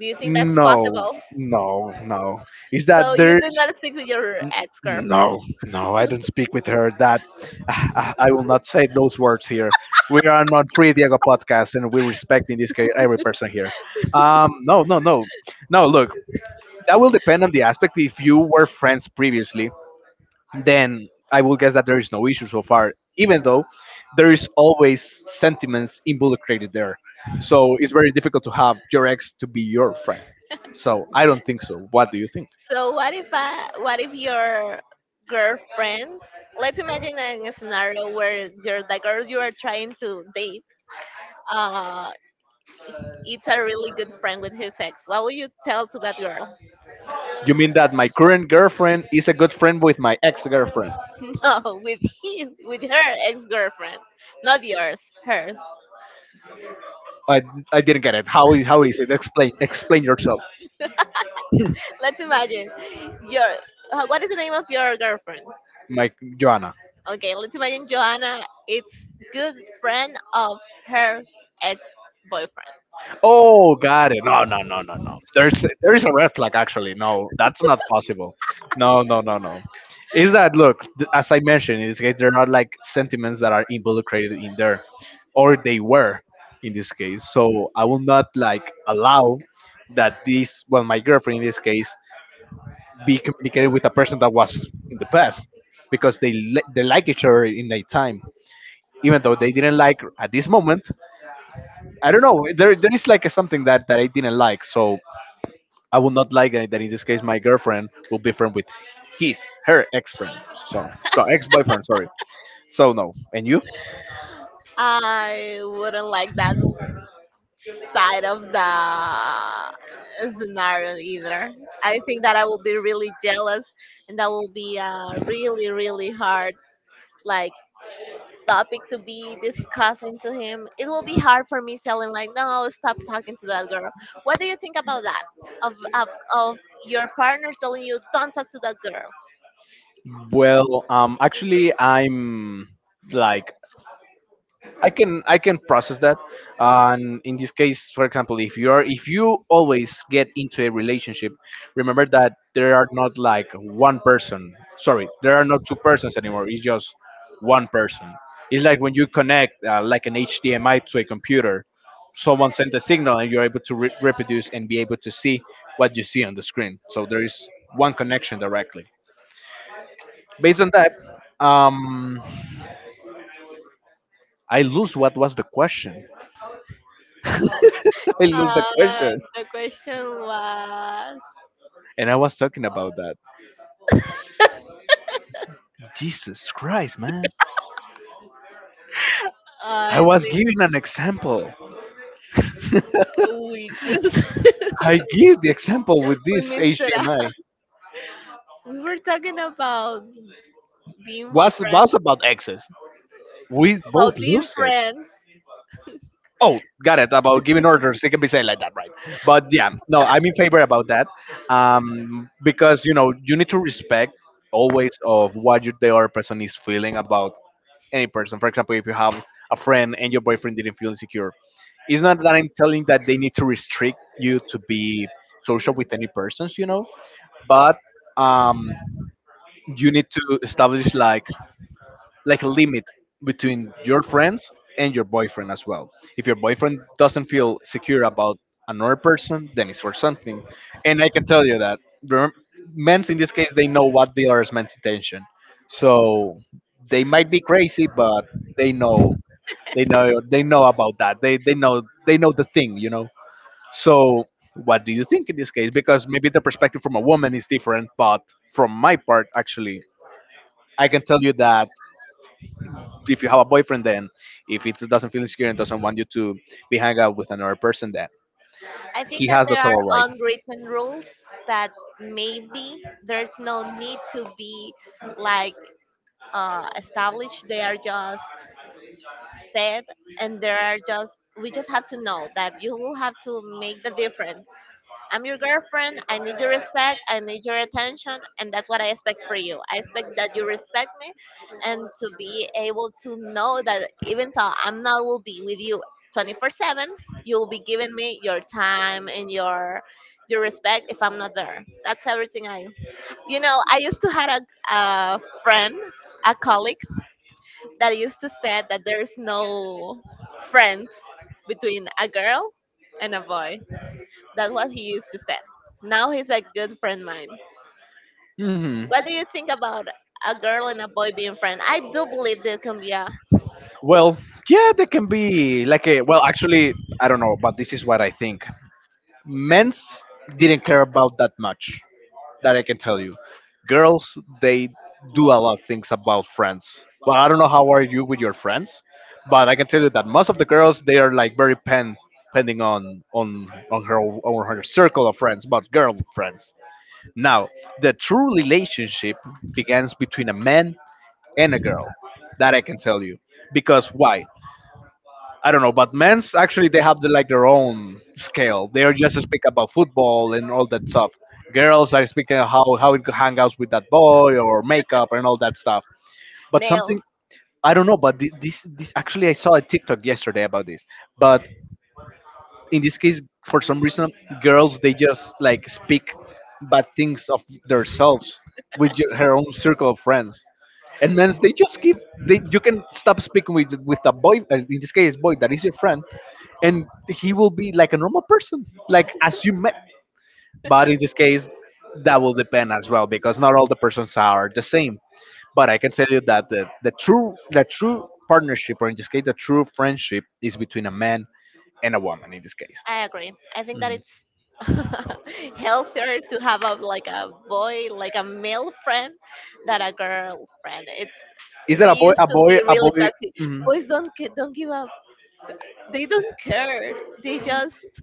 S2: Do you think that's
S1: No,
S2: possible?
S1: no, no. Is
S2: So
S1: that
S2: you do
S1: there's—
S2: not speak with your ex girlfriend.
S1: no, no. I don't speak with her. That I will not say those words here. We are on Free Diego podcast, and we respect in this case every person here. No, no, no, no. Look, that will depend on the aspect. If you were friends previously, then I will guess that there is no issue so far, even though there is always sentiments involucrated there. So it's very difficult to have your ex to be your friend. So I don't think so. What do you think?
S2: So what if your girlfriend? Let's imagine a scenario where you're the girl you are trying to date. Uh, it's a really good friend with his ex. What would you tell to that girl?
S1: You mean that my current girlfriend is a good friend with my ex girlfriend?
S2: No, with her ex girlfriend, not yours, hers.
S1: I, I didn't get it. How is it? Explain yourself.
S2: Let's imagine your What is the name of your girlfriend?
S1: Mike Joanna.
S2: Okay, let's imagine Johanna is good friend of her ex-boyfriend.
S1: Oh, got it. No, no, no, no, no. There is a red flag actually. No, that's not possible. No, no, no, no. Is that look? As I mentioned, in this case, there are like sentiments that are involucrated in there, or they were in this case. So I will not like allow that this. Well, my girlfriend in this case be communicated with a person that was in the past because they like each other in that time, even though they didn't like at this moment. I don't know. There is like something that I didn't like, so I would not like that. In this case, my girlfriend will be friend with his— her ex friend. So ex boyfriend. Sorry. So no. And you?
S2: I wouldn't like that side of the scenario either. I think that I will be really jealous, and that will be a really really hard like topic to be discussing to him. It will be hard for me telling like, no, stop talking to that girl. What do you think about that? Of of, of your partner telling you, don't talk to that girl.
S1: Well, actually, I'm like I can process that. And in this case, for example, if you always get into a relationship, remember that there are not like one person. Sorry, there are not two persons anymore. It's just one person. It's like when you connect like an HDMI to a computer. Someone sent a signal, and you're able to reproduce and be able to see what you see on the screen. So there is one connection directly. Based on that, um, I lose what was the question. I lose the
S2: Uh,
S1: question.
S2: the question was,
S1: And I was talking about that. Jesus Christ, man. I
S2: I
S1: was
S2: think
S1: giving an example.
S2: we just
S1: I give the example with
S2: we
S1: this
S2: missed it out.
S1: HDMI.
S2: We were talking about being
S1: Was
S2: friends,
S1: was about access. We both
S2: about being
S1: lose it.
S2: friends.
S1: Oh, got it. About giving orders, it can be said like that, right? But yeah, no, I'm in favor about that, because you know you need to respect always of what you, the other person is feeling about any person. For example, if you have a friend and your boyfriend didn't feel insecure, it's not that I'm telling that they need to restrict you to be social with any persons, you know, but um, you need to establish like— like a limit between your friends and your boyfriend as well. If your boyfriend doesn't feel secure about another person, then it's for something. And I can tell you that the men's in this case they know what the other man's intention. So they might be crazy, but they know they know they know about that. They know the thing, you know. So what do you think in this case? Because maybe the perspective from a woman is different, but from my part actually I can tell you that if you have a boyfriend then if it doesn't feel secure and doesn't want you to be hang out with another person then
S2: I think
S1: he
S2: that
S1: has the
S2: there are
S1: total right.
S2: unwritten rules that maybe there's no need to be like established. They are just set, and there are just we just have to know that you will have to make the difference. I'm your girlfriend. I need your respect. I need your attention, and that's what I expect for you. I expect that you respect me, and to be able to know that even though I'm not will be with you 24/7, you'll be giving me your time and your respect if I'm not there. That's everything I. You know, I used to had a friend, a colleague that used to say that there's no friends between a girl and a boy. That's what he used to say. Now he's a good friend of mine.
S1: Hmm,
S2: What do you think about a girl and a boy being friends? I do believe there can be a
S1: well, yeah, there can be like a— well, actually, I don't know, but this is what I think. Men's didn't care about that much. That I can tell you. Girls, they do a lot of things about friends. Well, I don't know how are you with your friends, but I can tell you that most of the girls they are like very pen— pending on her circle of friends, but girl friends. Now, the true relationship begins between a man and a girl. That I can tell you. Because why? I don't know, but men's actually they have the, like their own scale. They're just speak about football and all that stuff. Girls are speaking how it hang out with that boy or makeup and all that stuff. But
S2: male.
S1: something— I don't know, but this actually I saw a TikTok yesterday about this. But in this case for some reason girls they just like speak bad things of themselves with your, her own circle of friends and men they just keep— they you can stop speaking with— with a boy, in this case boy that is your friend and he will be like a normal person like as you met, but in this case that will depend as well because not all the persons are the same, but I can tell you that the true partnership or in this case the true friendship is between a man and a woman in this case.
S2: I agree. I think that
S1: Mm-hmm.
S2: it's healthier to have a like a boy, like a male friend, than a girl friend.
S1: Is
S2: It's
S1: that
S2: We
S1: a boy?
S2: used
S1: A
S2: to
S1: boy?
S2: be
S1: A
S2: really
S1: boy?
S2: toxic.
S1: Mhm.
S2: Boys don't give up. They don't care. They just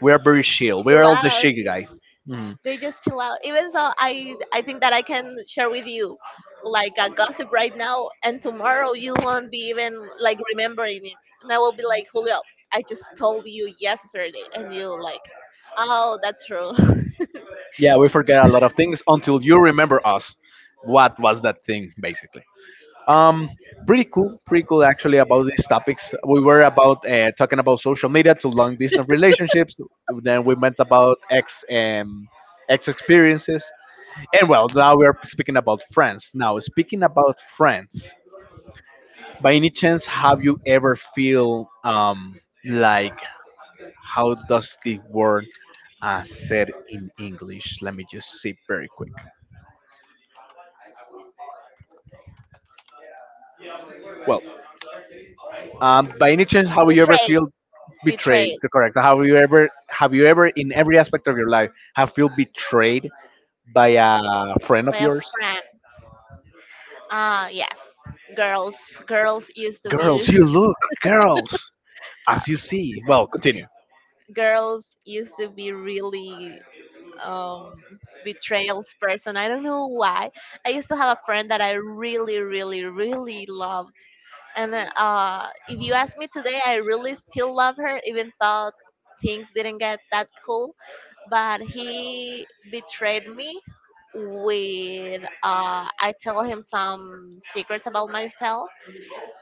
S1: We are very chill. We are
S2: chill
S1: all the
S2: out.
S1: chill guy. Mhm.
S2: They just chill out. Even though I think that I can share with you like a gossip right now, and tomorrow you won't be even like remembering it, and I will be like, Julio, I just told you yesterday, and you like, oh, that's true,
S1: Yeah, we forget a lot of things until you remember us. What was that thing, basically? Um, Pretty cool, pretty cool actually about these topics. We were about talking about social media to long distance relationships. Then we went about ex— ex experiences, and well, now we are speaking about friends. Now speaking about friends, by any chance, have you ever feel like— how does the word said in English? Let me just see very quick. Well, by any chance, have you ever
S2: betrayed,
S1: feel— betrayed?
S2: betrayed
S1: Correct. Have you ever, in every aspect of your life, have feel betrayed by a friend of
S2: by a
S1: yours?
S2: friend. Ah, yes, girls, girls used to be
S1: Girls, you look, girls, as you see. Well, continue.
S2: girls used to be really um, betrayals person. I don't know why. I used to have a friend that I really, really, really loved, and if you ask me today, I really still love her, even though things didn't get that cool. But he betrayed me with I tell him some secrets about myself,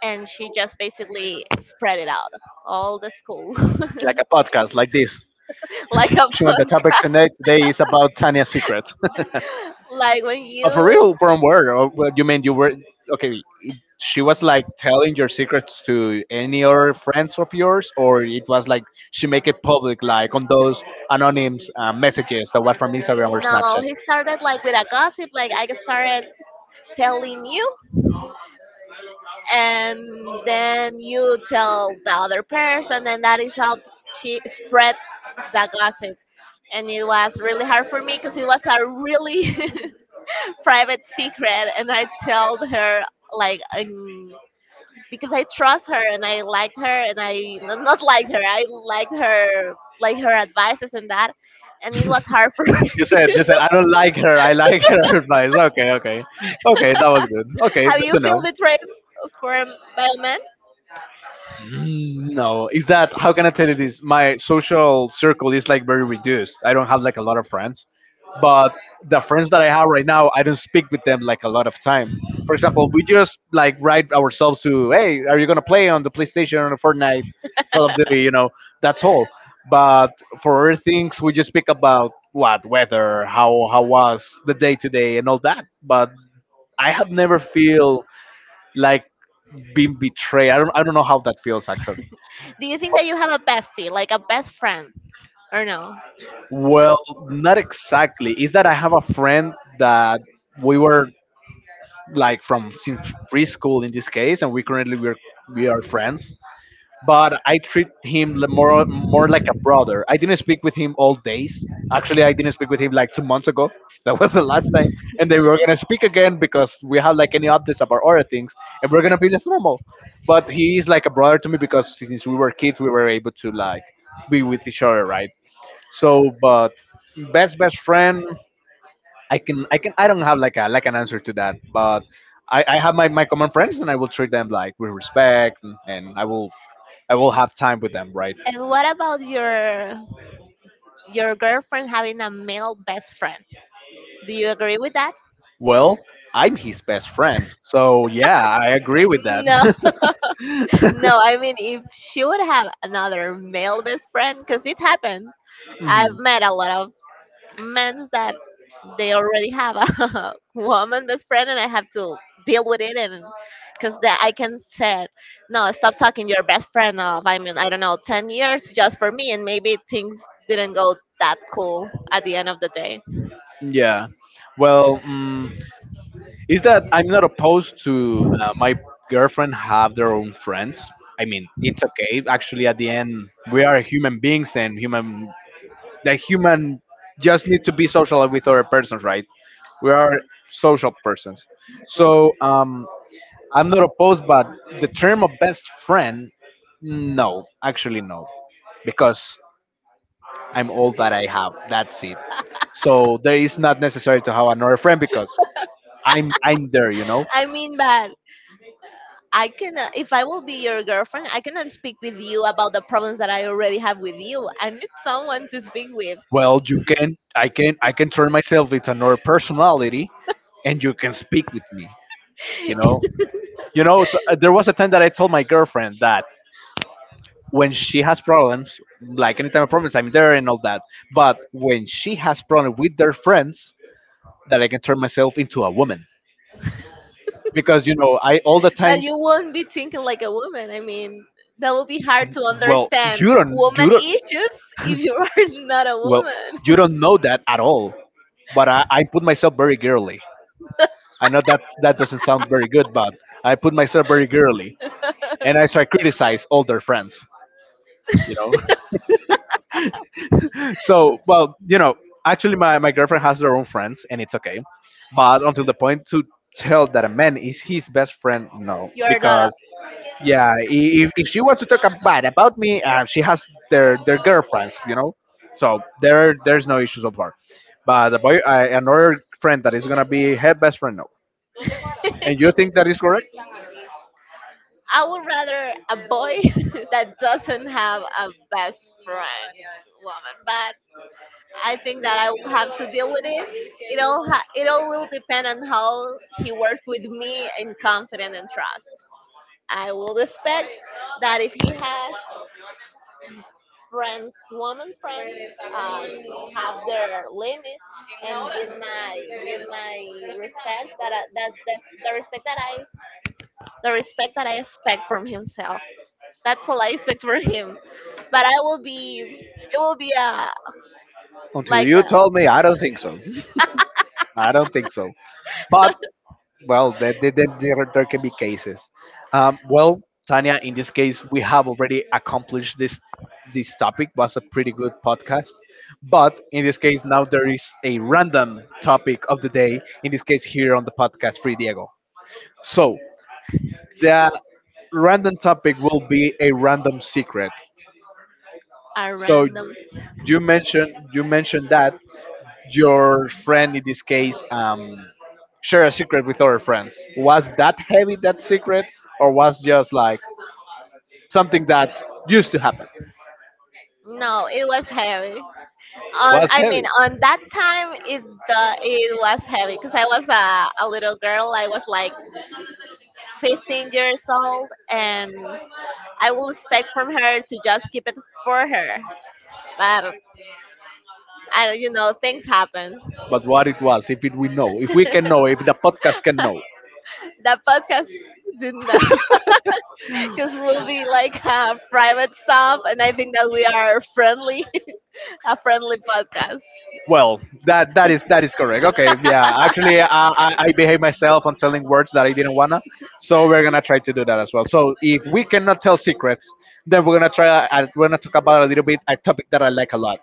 S2: and she just basically spread it out all the school
S1: Like a podcast, like this.
S2: like a
S1: Shimon, the
S2: bug.
S1: topic tonight today is about Tanya's secret.
S2: Like when
S1: But for
S2: you
S1: real, from where? Oh, well, you mean you were— okay? She was like telling your secrets to any other friends of yours, or it was like she make it public, like on those anonymous messages that was from Instagram or
S2: No,
S1: Snapchat.
S2: he started like with a gossip, like I started telling you, and then you tell the other person, and that is how she spread the gossip. And it was really hard for me because it was a really private secret, and I told her like because I trust her and I liked her, and not liked her, I liked her like her advices and that, and it was hard for me.
S1: You said I don't like her. I like her advice. Okay, okay, okay. That was good. Okay,
S2: Have
S1: good
S2: you
S1: to
S2: feel
S1: know.
S2: betrayed from by a man?
S1: Mm, no, is that how can I tell you this? My social circle is like very reduced. I don't have like a lot of friends, but the friends that I have right now, I don't speak with them like a lot of time. For example, we just like write ourselves to, hey, are you gonna play on the PlayStation or Fortnite, Call of Duty? You know, that's all. But for other things, we just speak about what weather, how was the day today, and all that. But I have never feel like being betrayed. I don't know how that feels actually.
S2: Do you think that you have a bestie, like a best friend, or no?
S1: Well, not exactly. Is that I have a friend that we were like from since preschool in this case, and we currently we're we are friends. But I treat him— more like a brother. I didn't speak with him all days. Actually, I didn't speak with him like 2 months ago. That was the last time, and then we were gonna speak again because we have like any updates about other things, and we're gonna be just normal. But he is like a brother to me because since we were kids, we were able to like be with each other, right? So, but best friend, I can I don't have like a— like an answer to that, but I have my common friends and I will treat them like with respect, and I will— I will have time with them, right?
S2: And what about your girlfriend having a male best friend? Do you agree with that?
S1: Well, I'm his best friend, so yeah, I agree with that.
S2: No, no. I mean, if she would have another male best friend, because it happened. I've
S1: Mhm.
S2: met a lot of Means that they already have a woman best friend, and I have to deal with it. And because that I can say, no, stop talking to your best friend of, I mean, I don't know, 10 years just for me, and maybe things didn't go that cool at the end of the day.
S1: Yeah. Well, mm is that I'm not opposed to my girlfriend have their own friends. I mean, it's okay. Actually, at the end, we are human beings, and human— the human just need to be social with other persons, right? We are social persons. So I'm not opposed, but the term of best friend, no, actually no, because I'm all that I have. That's it. So there is not necessary to have another friend because I'm there, you know.
S2: I mean, but I can, if I will be your girlfriend, I cannot speak with you about the problems that I already have with you. I need someone to speak with.
S1: Well, you can I can turn myself into another personality, and you can speak with me, you know. There was a time that I told my girlfriend that when she has problems, like anytime I problems, I'm there and all that. But when she has problems with their friends, that I can turn myself into a woman because you know I all the
S2: But
S1: times.
S2: you won't be thinking like a woman. I mean, that will be hard to
S1: Well,
S2: understand
S1: you
S2: woman
S1: don't,
S2: issues if you are not a
S1: well, you
S2: woman.
S1: don't know that at all. But I put myself very girly. I know that that doesn't sound very good, but I put myself very girly, and I start criticize all their friends. You know. so well you know actually my girlfriend has her own friends and it's okay but until the point to tell that a man is his best friend, no,
S2: You are not
S1: because yeah, if she wants to talk bad about me, she has their girlfriends. So there's no issues so far, but the boy, another friend that is gonna be her best friend, no.
S2: a.
S1: And you think that is correct?
S2: I would rather a boy that doesn't have a best friend woman, but I think that I will have to deal with it. It all will depend on how he works with me in confidence and trust. I will expect that if he has friends, woman friends, uh, have their limit and give my respect that I, that's the respect that I the respect that I expect from himself. That's all I expect from him. But I will be it will be a
S1: Until
S2: like
S1: you told me, I don't think so. I don't think so, but well, there can be cases. Well, Tanya, in this case, we have already accomplished this topic. Was a pretty good podcast, but in this case, now there is a random topic of the day. In this case, here on the podcast, Free Diego. So the random topic will be a random secret.
S2: a
S1: So
S2: random.
S1: you mentioned that your friend in this case, share a secret with other friends? Was that heavy, that secret, or was just like something that used to happen?
S2: No, it was heavy. On I mean, on that time it was heavy because I was a little girl. I was like 15 years old, and I will expect from her to just keep it for her. But I don't. Things happen.
S1: But what it was, if it we know, if we
S2: That
S1: can know, if the podcast can know.
S2: podcast did not, because we'll be like private stuff, and I think that we are friendly, a friendly podcast.
S1: Well, that is correct. Okay, yeah. Actually, I behave myself on telling words that I didn't wanna, so we're gonna try to do that as well. So if we cannot tell secrets, then we're gonna try. We're gonna talk about a little bit a topic that I like a lot.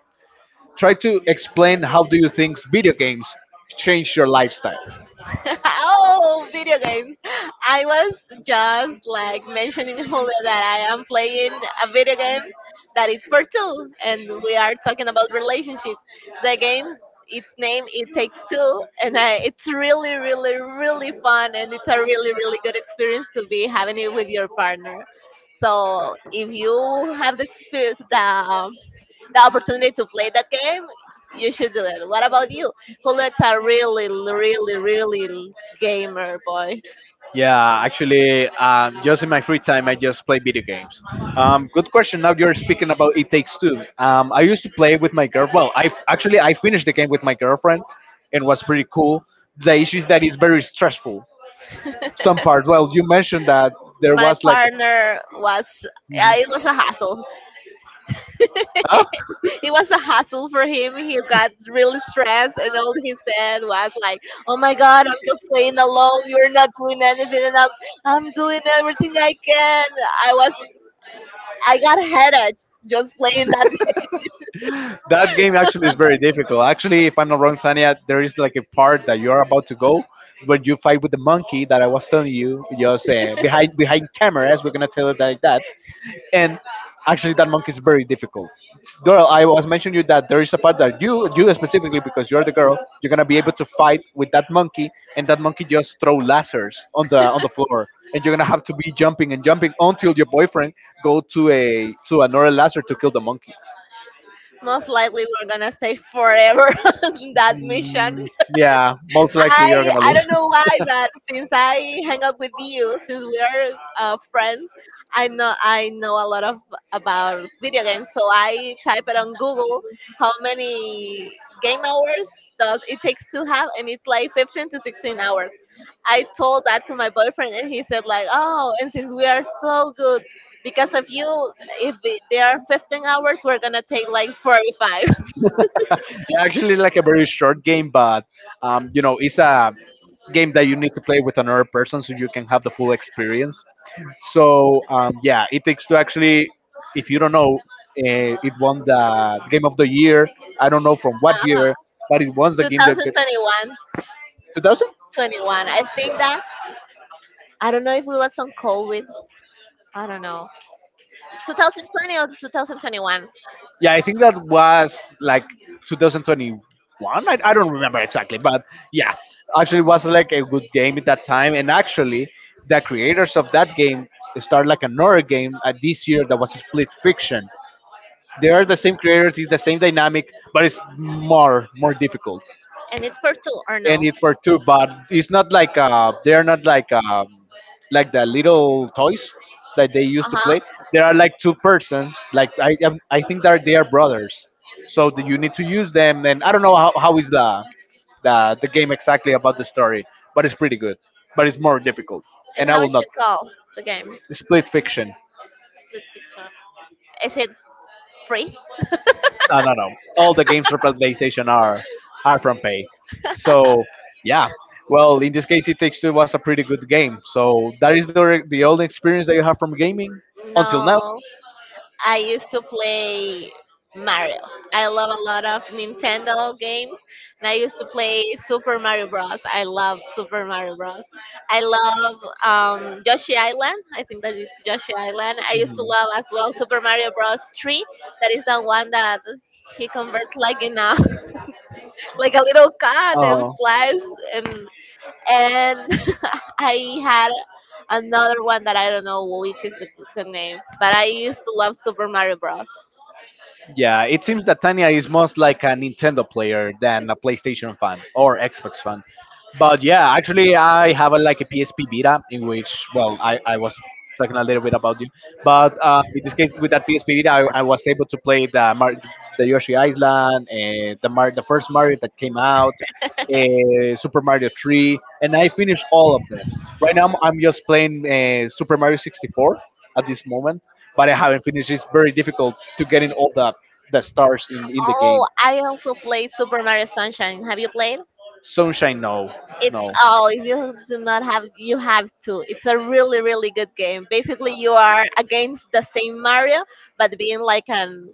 S1: Try to explain how do you think video games change your lifestyle.
S2: Oh, video games. I was just like mentioning earlier that I am playing a video game that it's for two, and we are talking about relationships. The game, its name, it takes two, and it's really, really, really fun, and it's a really,
S1: করজটনিটুতত্টষ
S2: really good experience to be having it with your partner. So if you have the experience, the opportunity to play that game, you should do it. What about you? Juliet's a really, really, really gamer boy.
S1: ওসি়. Yeah, actually, just in my free time, I just play video games. Good question. Now you're speaking about It Takes Two. I used to play with my girl. Well, actually I finished the game with my girlfriend, and was pretty cool. The issue is that it's very stressful. Some parts. Well, you mentioned that there
S2: My
S1: was like,
S2: partner was, yeah, it was a hassle.
S1: huh?
S2: It was a hassle for him. He got really stressed, and all he said was like, "Oh my God, I'm just playing alone. You're not doing anything, and I'm doing everything I can." I was, I got a headache just playing that.
S1: That game actually is very difficult. Actually, if I'm not wrong, Tanya, there is like a part that you are about to go when you fight with the monkey that I was telling you, just behind cameras. We're gonna tell it like that. And actually, that monkey is very difficult. Girl, I was mentioning you that there is a part that you specifically, because you're the girl, you're gonna be able to fight with that monkey, and that monkey just throw lasers on the floor. And you're gonna have to be jumping and jumping until your boyfriend go to a to another laser to kill the monkey.
S2: Most likely, we're gonna stay forever on that mission.
S1: Mm, yeah, most likely you're
S2: I
S1: gonna
S2: I
S1: lose.
S2: don't know why, but since I hang up with you, since we are friends, I know a lot of about video games. So I type it on Google, how many game hours does it takes to have? And it's like 15 to 16 hours. I told that to my boyfriend, and he said like, oh, and since we are so good. Because of you, if it, there are 15 hours, we're gonna take like 45.
S1: Actually, like a very short game, but you know, it's a game that you need to play with another person so you can have the full experience. So yeah, it takes to actually, if you don't know, it won the game of the year. I don't know from what
S2: Uh-huh.
S1: year, but it won the game. That,
S2: 2021, 21.
S1: 2000?
S2: Twenty-one. I think that I don't know if we was on COVID. I don't know. 2020 or 2021.
S1: Yeah, I think that was like 2021. I don't remember exactly, but yeah, actually it was like a good game at that time. And actually, the creators of that game started like another game, this year, that was split fiction. They are the same creators, it's the same dynamic, but it's more difficult
S2: And it's for two or
S1: and
S2: no?
S1: it's for two. But it's not like, they're not like, like the little toys that they
S2: Uh
S1: used to
S2: huh.
S1: play. There are like two persons. Like I think that they are brothers. So that you need to use them. And I don't know how is the game exactly about the story, but it's pretty good. But it's more difficult. And
S2: And
S1: I
S2: how
S1: will
S2: is
S1: not
S2: it called? The game.
S1: split fiction.
S2: Split picture. Is it free?
S1: No, no, no. All the games for PlayStation are from pay. So yeah. Well, in this case, It Takes Two was a pretty good game. So that is the only experience that you have from gaming until now.
S2: No. I used to play Mario. I love a lot of Nintendo games, and I used to play Super Mario Bros. I love Super Mario Bros. I love Yoshi Island. I think that it's Yoshi Island. I used to
S1: Mhm.
S2: love as well Super Mario Bros. 3. That is the one that he converts like in a like a little cat and
S1: Uh,
S2: flies and and I had another one that I don't know which is the name, but I used to love Super Mario Bros.
S1: Yeah, it seems that Tanya is most like a Nintendo player than a PlayStation fan or Xbox fan. But yeah, actually, I have a, like a PSP Vita in which, well, I was talking a little bit about you. But in this case, with that PSP Vita, I was able to play the, the Yoshi Island, and the, the first Mario that came out, Super Mario 3, and I finished all of them. Right now, I'm just playing, Super Mario 64 at this moment, but I haven't finished. It's very difficult to get in all the stars in the
S2: Oh,
S1: game.
S2: I also played Super Mario Sunshine. Have you played?
S1: Sunshine, no.
S2: It's
S1: No.
S2: oh, if you do not have, you have to. It's a really, really good game. Basically, you are against the same Mario, but being like an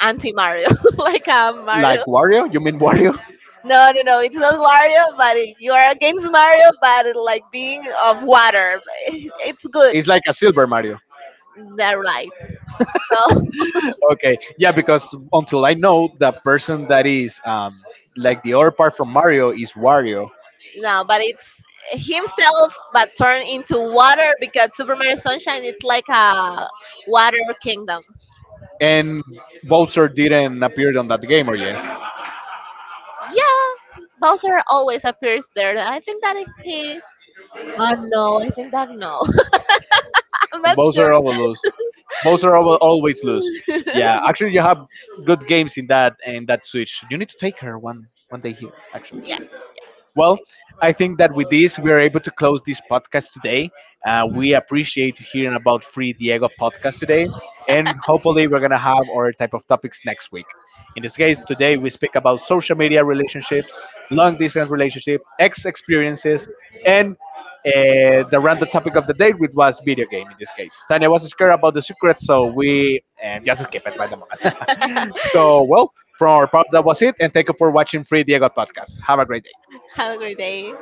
S2: anti Mario, like a
S1: Like
S2: Mario.
S1: Wario? You mean Wario?
S2: No, no, no, it's not Mario, but it, you are against Mario, but it, like being of water. It's good.
S1: It's like a Silver Mario.
S2: They're right. So.
S1: Okay, yeah, because until I know the person that is, like the other part from Mario is Wario.
S2: No, but it's himself, but turned into water, because Super Mario Sunshine it's like a water kingdom.
S1: And Bowser didn't appear on that game, or yes?
S2: Yeah, Bowser always appears there. I think that is he. Oh no, I think that no. I'm
S1: And
S2: not sure.
S1: Bowser always lose. Bowser always lose. Yeah, actually, you have good games in that Switch. You need to take her one one day here, actually.
S2: Yes, yes.
S1: Well, I think that with this, we are able to close this podcast today. We appreciate hearing about Free Diego podcast today, and hopefully, we're going to have our type of topics next week. In this case, today we speak about social media relationships, long distance relationship, ex experiences, and the random topic of the day, which was video game in this case. Tanya was scared about the secret, so we just skip it by the moment. So, well, from our part, that was it, and thank you for watching Free Diego podcast. Have a great day.
S2: Have a great day.